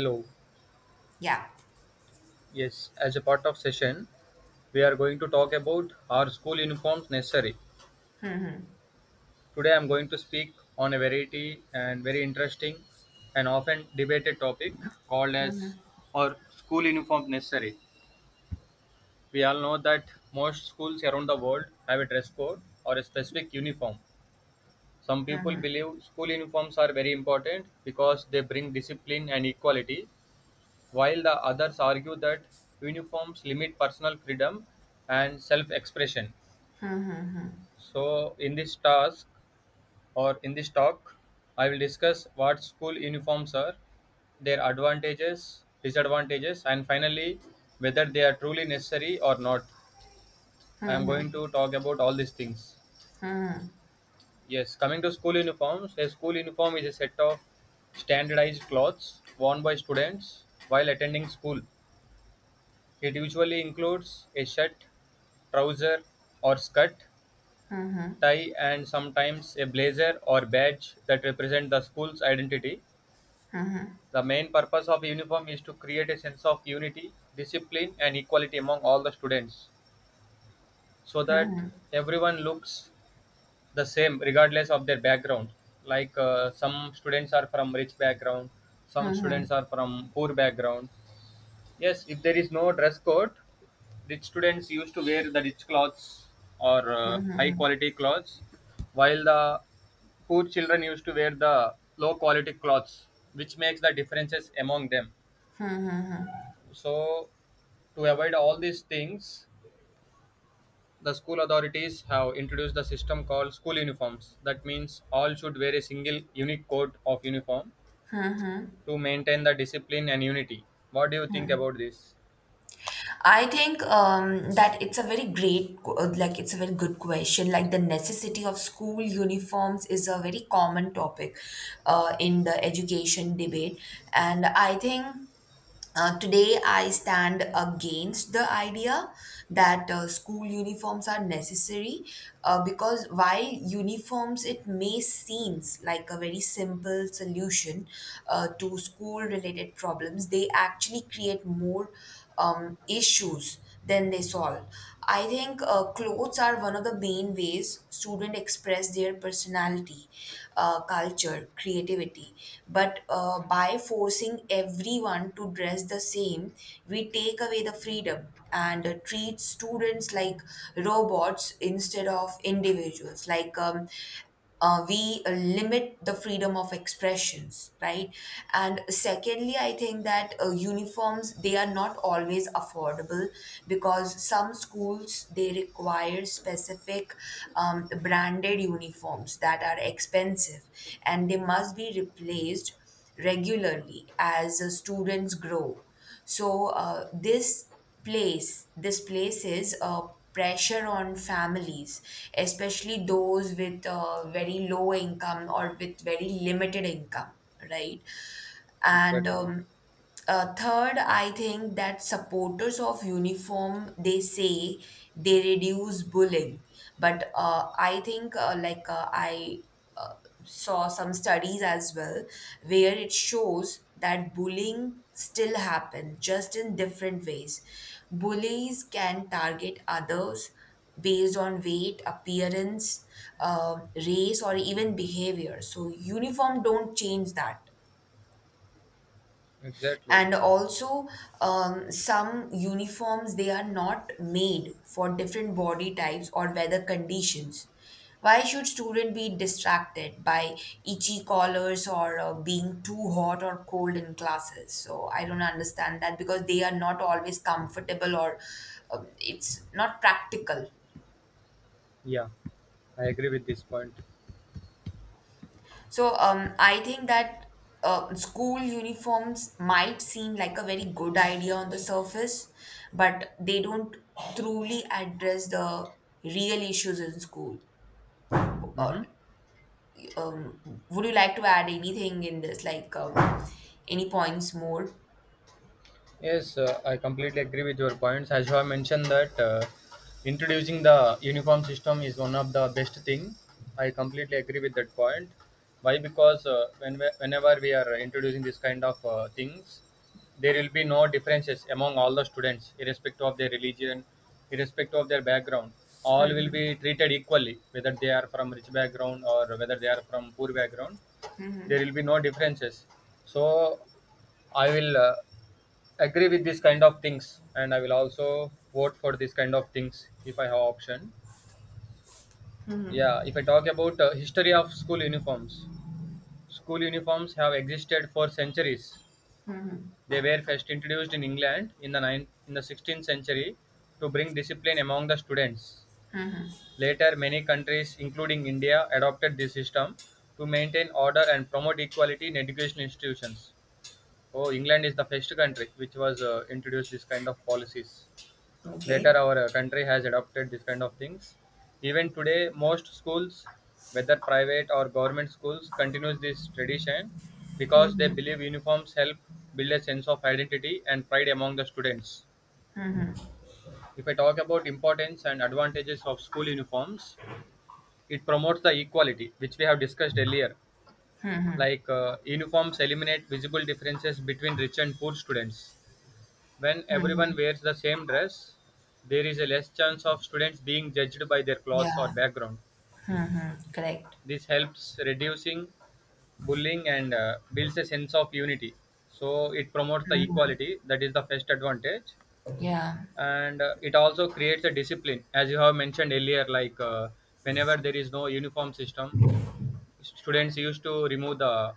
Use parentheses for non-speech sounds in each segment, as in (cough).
Hello. Yeah. Yes, as a part of session, we are going to talk about our school uniforms necessary. Mhm. Today I'm going to speak on a variety and very interesting and often debated topic called as Mhm. or school uniform necessary. We all know that most schools around the world have a dress code or a specific uniform. Some people Mhm. believe school uniforms are very important because they bring discipline and equality, while the others argue that uniforms limit personal freedom and self-expression. So in this task or in this talk, I will discuss what school uniforms are, their advantages, disadvantages, and finally whether they are truly necessary or not. I am going to talk about all these things. Mhm. Yes, coming to school uniforms, a school uniform is a set of standardized clothes worn by students while attending school. It usually includes a shirt, trouser or skirt, Mhm. tie and sometimes a blazer or badge that represent the school's identity. Mhm. The main purpose of uniform is to create a sense of unity, discipline and equality among all the students so that Mhm. everyone looks the same regardless of their background. Like some students are from rich background, some students are from poor background. Yes, if there is no dress code, rich students used to wear the rich clothes or high quality clothes, while the poor children used to wear the low quality clothes, which makes the differences among them. So, to avoid all these things, the school authorities have introduced the system called school uniforms. That means all should wear a single unique coat of uniform to maintain the discipline and unity. What do you think about this? I think that it's a very great, like it's a very good question. Like the necessity of school uniforms is a very common topic in the education debate, and I think today, I stand against the idea that school uniforms are necessary because while uniforms, it may seems like a very simple solution to school related problems, they actually create more issues than they solve. I think clothes are one of the main ways students express their personality, culture, creativity. But by forcing everyone to dress the same, we take away the freedom and treat students like robots instead of individuals. We limit the freedom of expressions, right? And secondly, I think that uniforms, they are not always affordable because some schools, they require specific branded uniforms that are expensive and they must be replaced regularly as students grow. So this places a pressure on families, especially those with very low income or with very limited income, right? And Exactly, Third, I think that supporters of uniform, they say they reduce bullying, but I think, like I uh, saw some studies as well where it shows that bullying still happens, just in different ways. Bullies can target others based on weight, appearance, race or even behavior, so uniform don't change that. exactly. And also, some uniforms, they are not made for different body types or weather conditions. Why should student be distracted by itchy collars or being too hot or cold in classes? So I don't understand that because they are not always comfortable or it's not practical. Yeah, I agree with this point. So I think that school uniforms might seem like a very good idea on the surface, but they don't truly address the real issues in school. Uh, Mm-hmm. um, would you like to add anything in this, like any points more? Yes, I completely agree with your points. As you have mentioned that introducing the uniform system is one of the best thing. I completely agree with that point. Why? Because when whenever we are introducing this kind of things, there will be no differences among all the students, irrespective of their religion, irrespective of their background. All will be treated equally, whether they are from rich background or whether they are from poor background. There will be no differences. So I will, agree with this kind of things, and I will also vote for this kind of things if I have option. Yeah, if I talk about history of school uniforms, school uniforms have existed for centuries. They were first introduced in England in the 16th century to bring discipline among the students. Later many countries including India adopted this system to maintain order and promote equality in education institutions. Oh, England is the first country which was introduced this kind of policies. Later Okay. our country has adopted this kind of things. Even today most schools, whether private or government schools, continues this tradition because they Mm-hmm. believe uniforms help build a sense of identity and pride among the students. If I talk about importance and advantages of school uniforms, it promotes the equality which we have discussed earlier. Like uniforms eliminate visible differences between rich and poor students. When everyone Mm-hmm. wears the same dress, there is a less chance of students being judged by their clothes or Yeah. background. Mm-hmm. Correct. This helps reducing bullying and builds a sense of unity. So it promotes the equality. That is the first advantage, Yeah. and it also creates a discipline, as you have mentioned earlier. Like whenever there is no uniform system, students used to remove the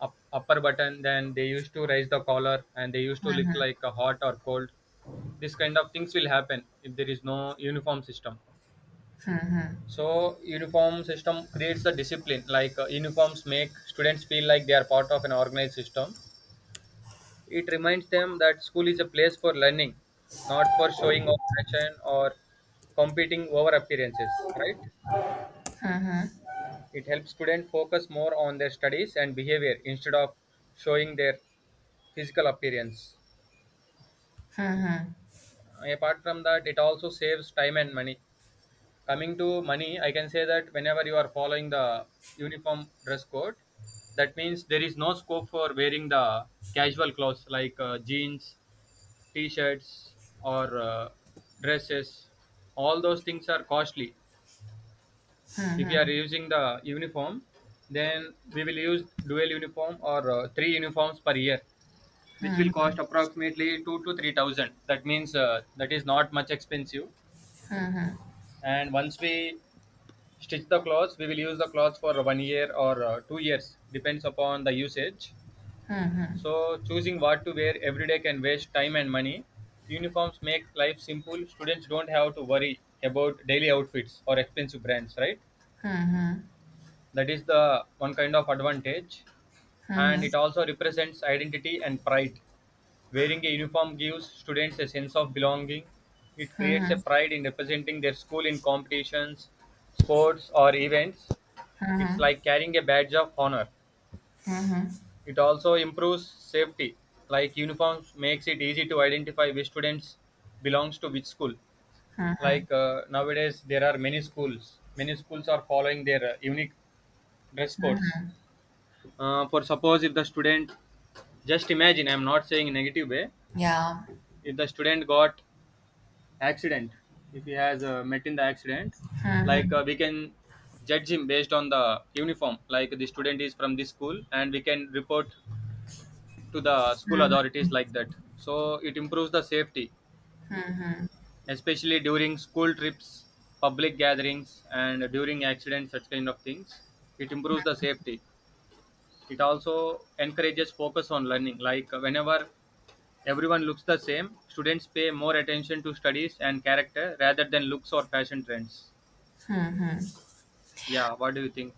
up, upper button, then they used to raise the collar and they used to look like a hot or cold. This kind of things will happen if there is no uniform system. So uniform system creates the discipline. Like uniforms make students feel like they are part of an organized system. It reminds them that school is a place for learning, not for showing off fashion or competing over appearances, right? It helps students focus more on their studies and behavior instead of showing their physical appearance. Apart from that, it also saves time and money. Coming to money, I can say that whenever you are following the uniform dress code, that means there is no scope for wearing the casual clothes like jeans, t-shirts or dresses. All those things are costly. If you are using the uniform, then we will use dual uniform or three uniforms per year, which will cost approximately 2 to 3,000. That means that is not much expensive. And once we stitch the clothes, we will use the clothes for one year or 2 years, depends upon the usage. So choosing what to wear every day can waste time and money. Uniforms make life simple. Students don't have to worry about daily outfits or expensive brands, right? That is the one kind of advantage. And it also represents identity and pride. Wearing a uniform gives students a sense of belonging. It creates a pride in representing their school in competitions, sports, or events. It's like carrying a badge of honor. It also improves safety, like uniforms makes it easy to identify which students belongs to which school. Like nowadays, there are many schools. Many schools are following their unique dress codes. Uh, for suppose if the student, just imagine, I'm not saying in negative way, Yeah. if the student got accident, if he has met in the accident, like we can judge him based on the uniform, like the student is from this school, and we can report to the school authorities like that. So it improves the safety, especially during school trips, public gatherings, and during accidents, such kind of things. It improves the safety. It also encourages focus on learning, like whenever everyone looks the same, students pay more attention to studies and character rather than looks or fashion trends. Yeah, what do you think?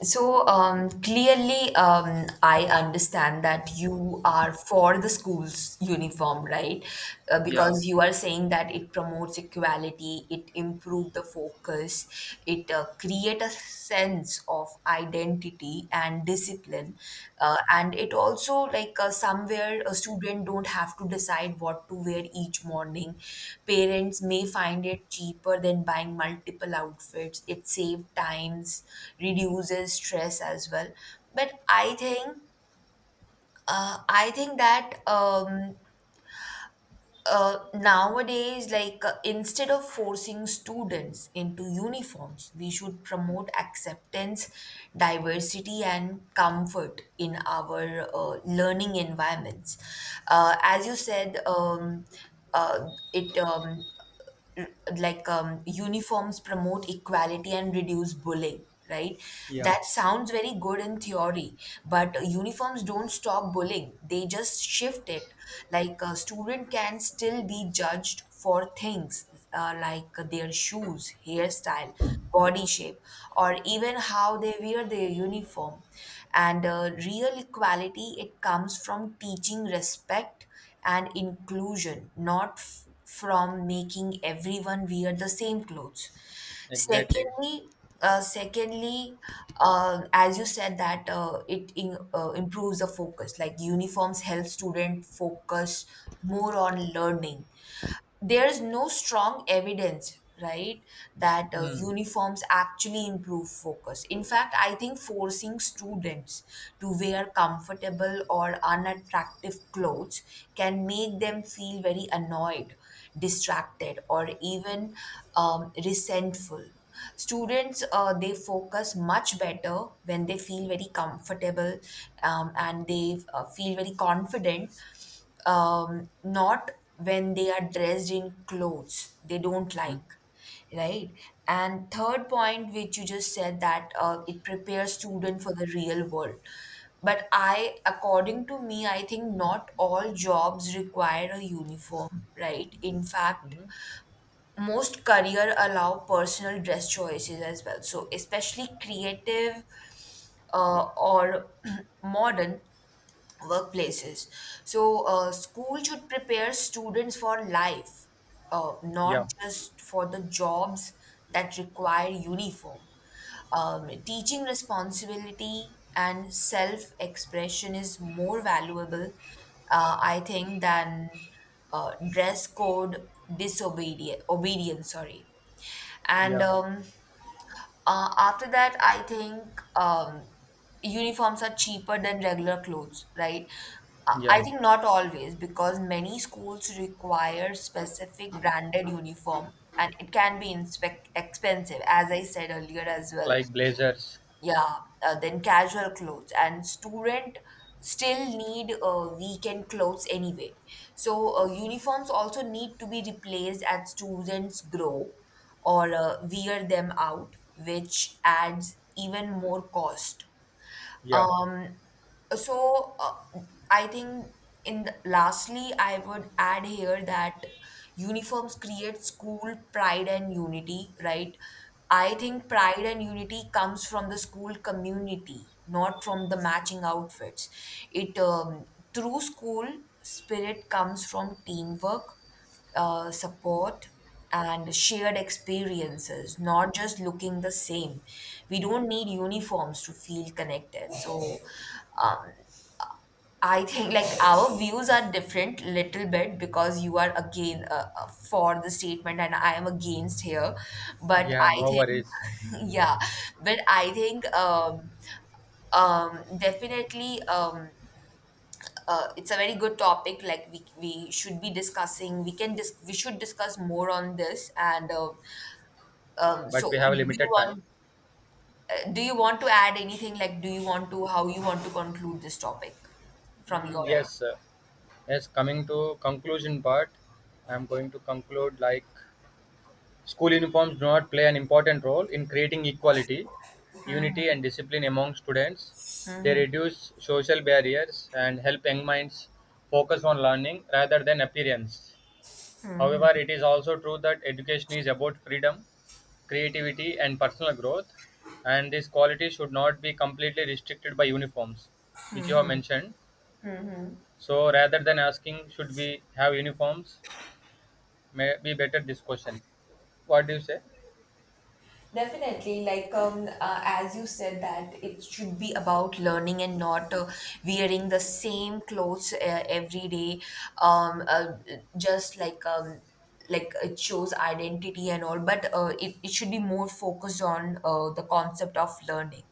So clearly, I understand that you are for the school's uniform, right? Yeah, Because you are saying that it promotes equality, it improves the focus, it create a sense of identity and discipline, and it also, like somewhere a student don't have to decide what to wear each morning. Parents may find it cheaper than buying multiple outfits. It saves times, reduces stress as well. But I think that, nowadays, like instead of forcing students into uniforms, we should promote acceptance, diversity, and comfort in our learning environments. As you said, it like uniforms promote equality and reduce bullying, right? yeah, That sounds very good in theory, but uniforms don't stop bullying, they just shift it. Like a student can still be judged for things like their shoes, hairstyle, body shape, or even how they wear their uniform. And real equality, it comes from teaching respect and inclusion, not from making everyone wear the same clothes. exactly. Secondly, Secondly, as you said that improves the focus. Like uniforms help student focus more on learning, there is no strong evidence, right, that Mm. uniforms actually improve focus? In fact, I think forcing students to wear comfortable or unattractive clothes can make them feel very annoyed, distracted, or even resentful. Students they focus much better when they feel very comfortable and they feel very confident. Not when they are dressed in clothes they don't Mm. like, right? And third point, which you just said, that it prepares student for the real world. But I, according to me, I think not all jobs require a uniform, right? In fact, Hmm. most career allow personal dress choices as well, so especially creative or (clears throat) modern workplaces. So, school should prepare students for life, not Yeah, just for the jobs that require uniform. Teaching responsibility and self expression is more valuable, I think, than dress code disobedience. Obedience, sorry. And yeah, After that, I think uniforms are cheaper than regular clothes, right? I yeah. I think not always, because many schools require specific branded uniform and it can be inspec expensive, as I said earlier as well. Like blazers. Yeah, then casual clothes, and student still need weekend clothes anyway. So uniforms also need to be replaced as students grow or wear them out, which adds even more cost. Yeah, Um, so uh, I think in the, lastly, I would add here that uniforms create school pride and unity, right? I think pride and unity comes from the school community, not from the matching outfits. It through School spirit comes from teamwork, support, and shared experiences, not just looking the same. We don't need uniforms to feel connected. So, um, I think like our views are different little bit, because you are again for the statement and I am against here. But yeah, I no think, worries. (laughs) yeah, but I think definitely. It's a very good topic, like we should be discussing, we can we should discuss more on this. And But so we have limited time. Do you want to add anything? Like do you want to how you want to conclude this topic from your Mm, yes, end? sir. Yes. Coming to conclusion part, I'm going to conclude like school uniforms do not play an important role in creating equality, unity and discipline among students. They Hmm. reduce social barriers and help young minds focus on learning rather than appearance. However, Hmm. it is also true that education is about freedom, creativity and personal growth, and these qualities should not be completely restricted by uniforms, which you have Hmm. mentioned. Hmm. So rather than asking should we have uniforms, may be better this question. What do you say? Definitely, like as you said that it should be about learning and not wearing the same clothes every day. Um, uh, just like Like it shows identity and all, but it should be more focused on the concept of learning.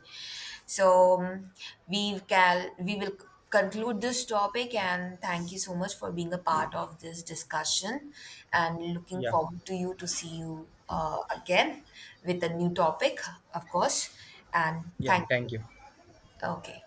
So we can we will conclude this topic. And thank you so much for being a part of this discussion, and looking Yeah. forward to you to see you again with a new topic, of course. And Yeah, thank you. thank you. Okay.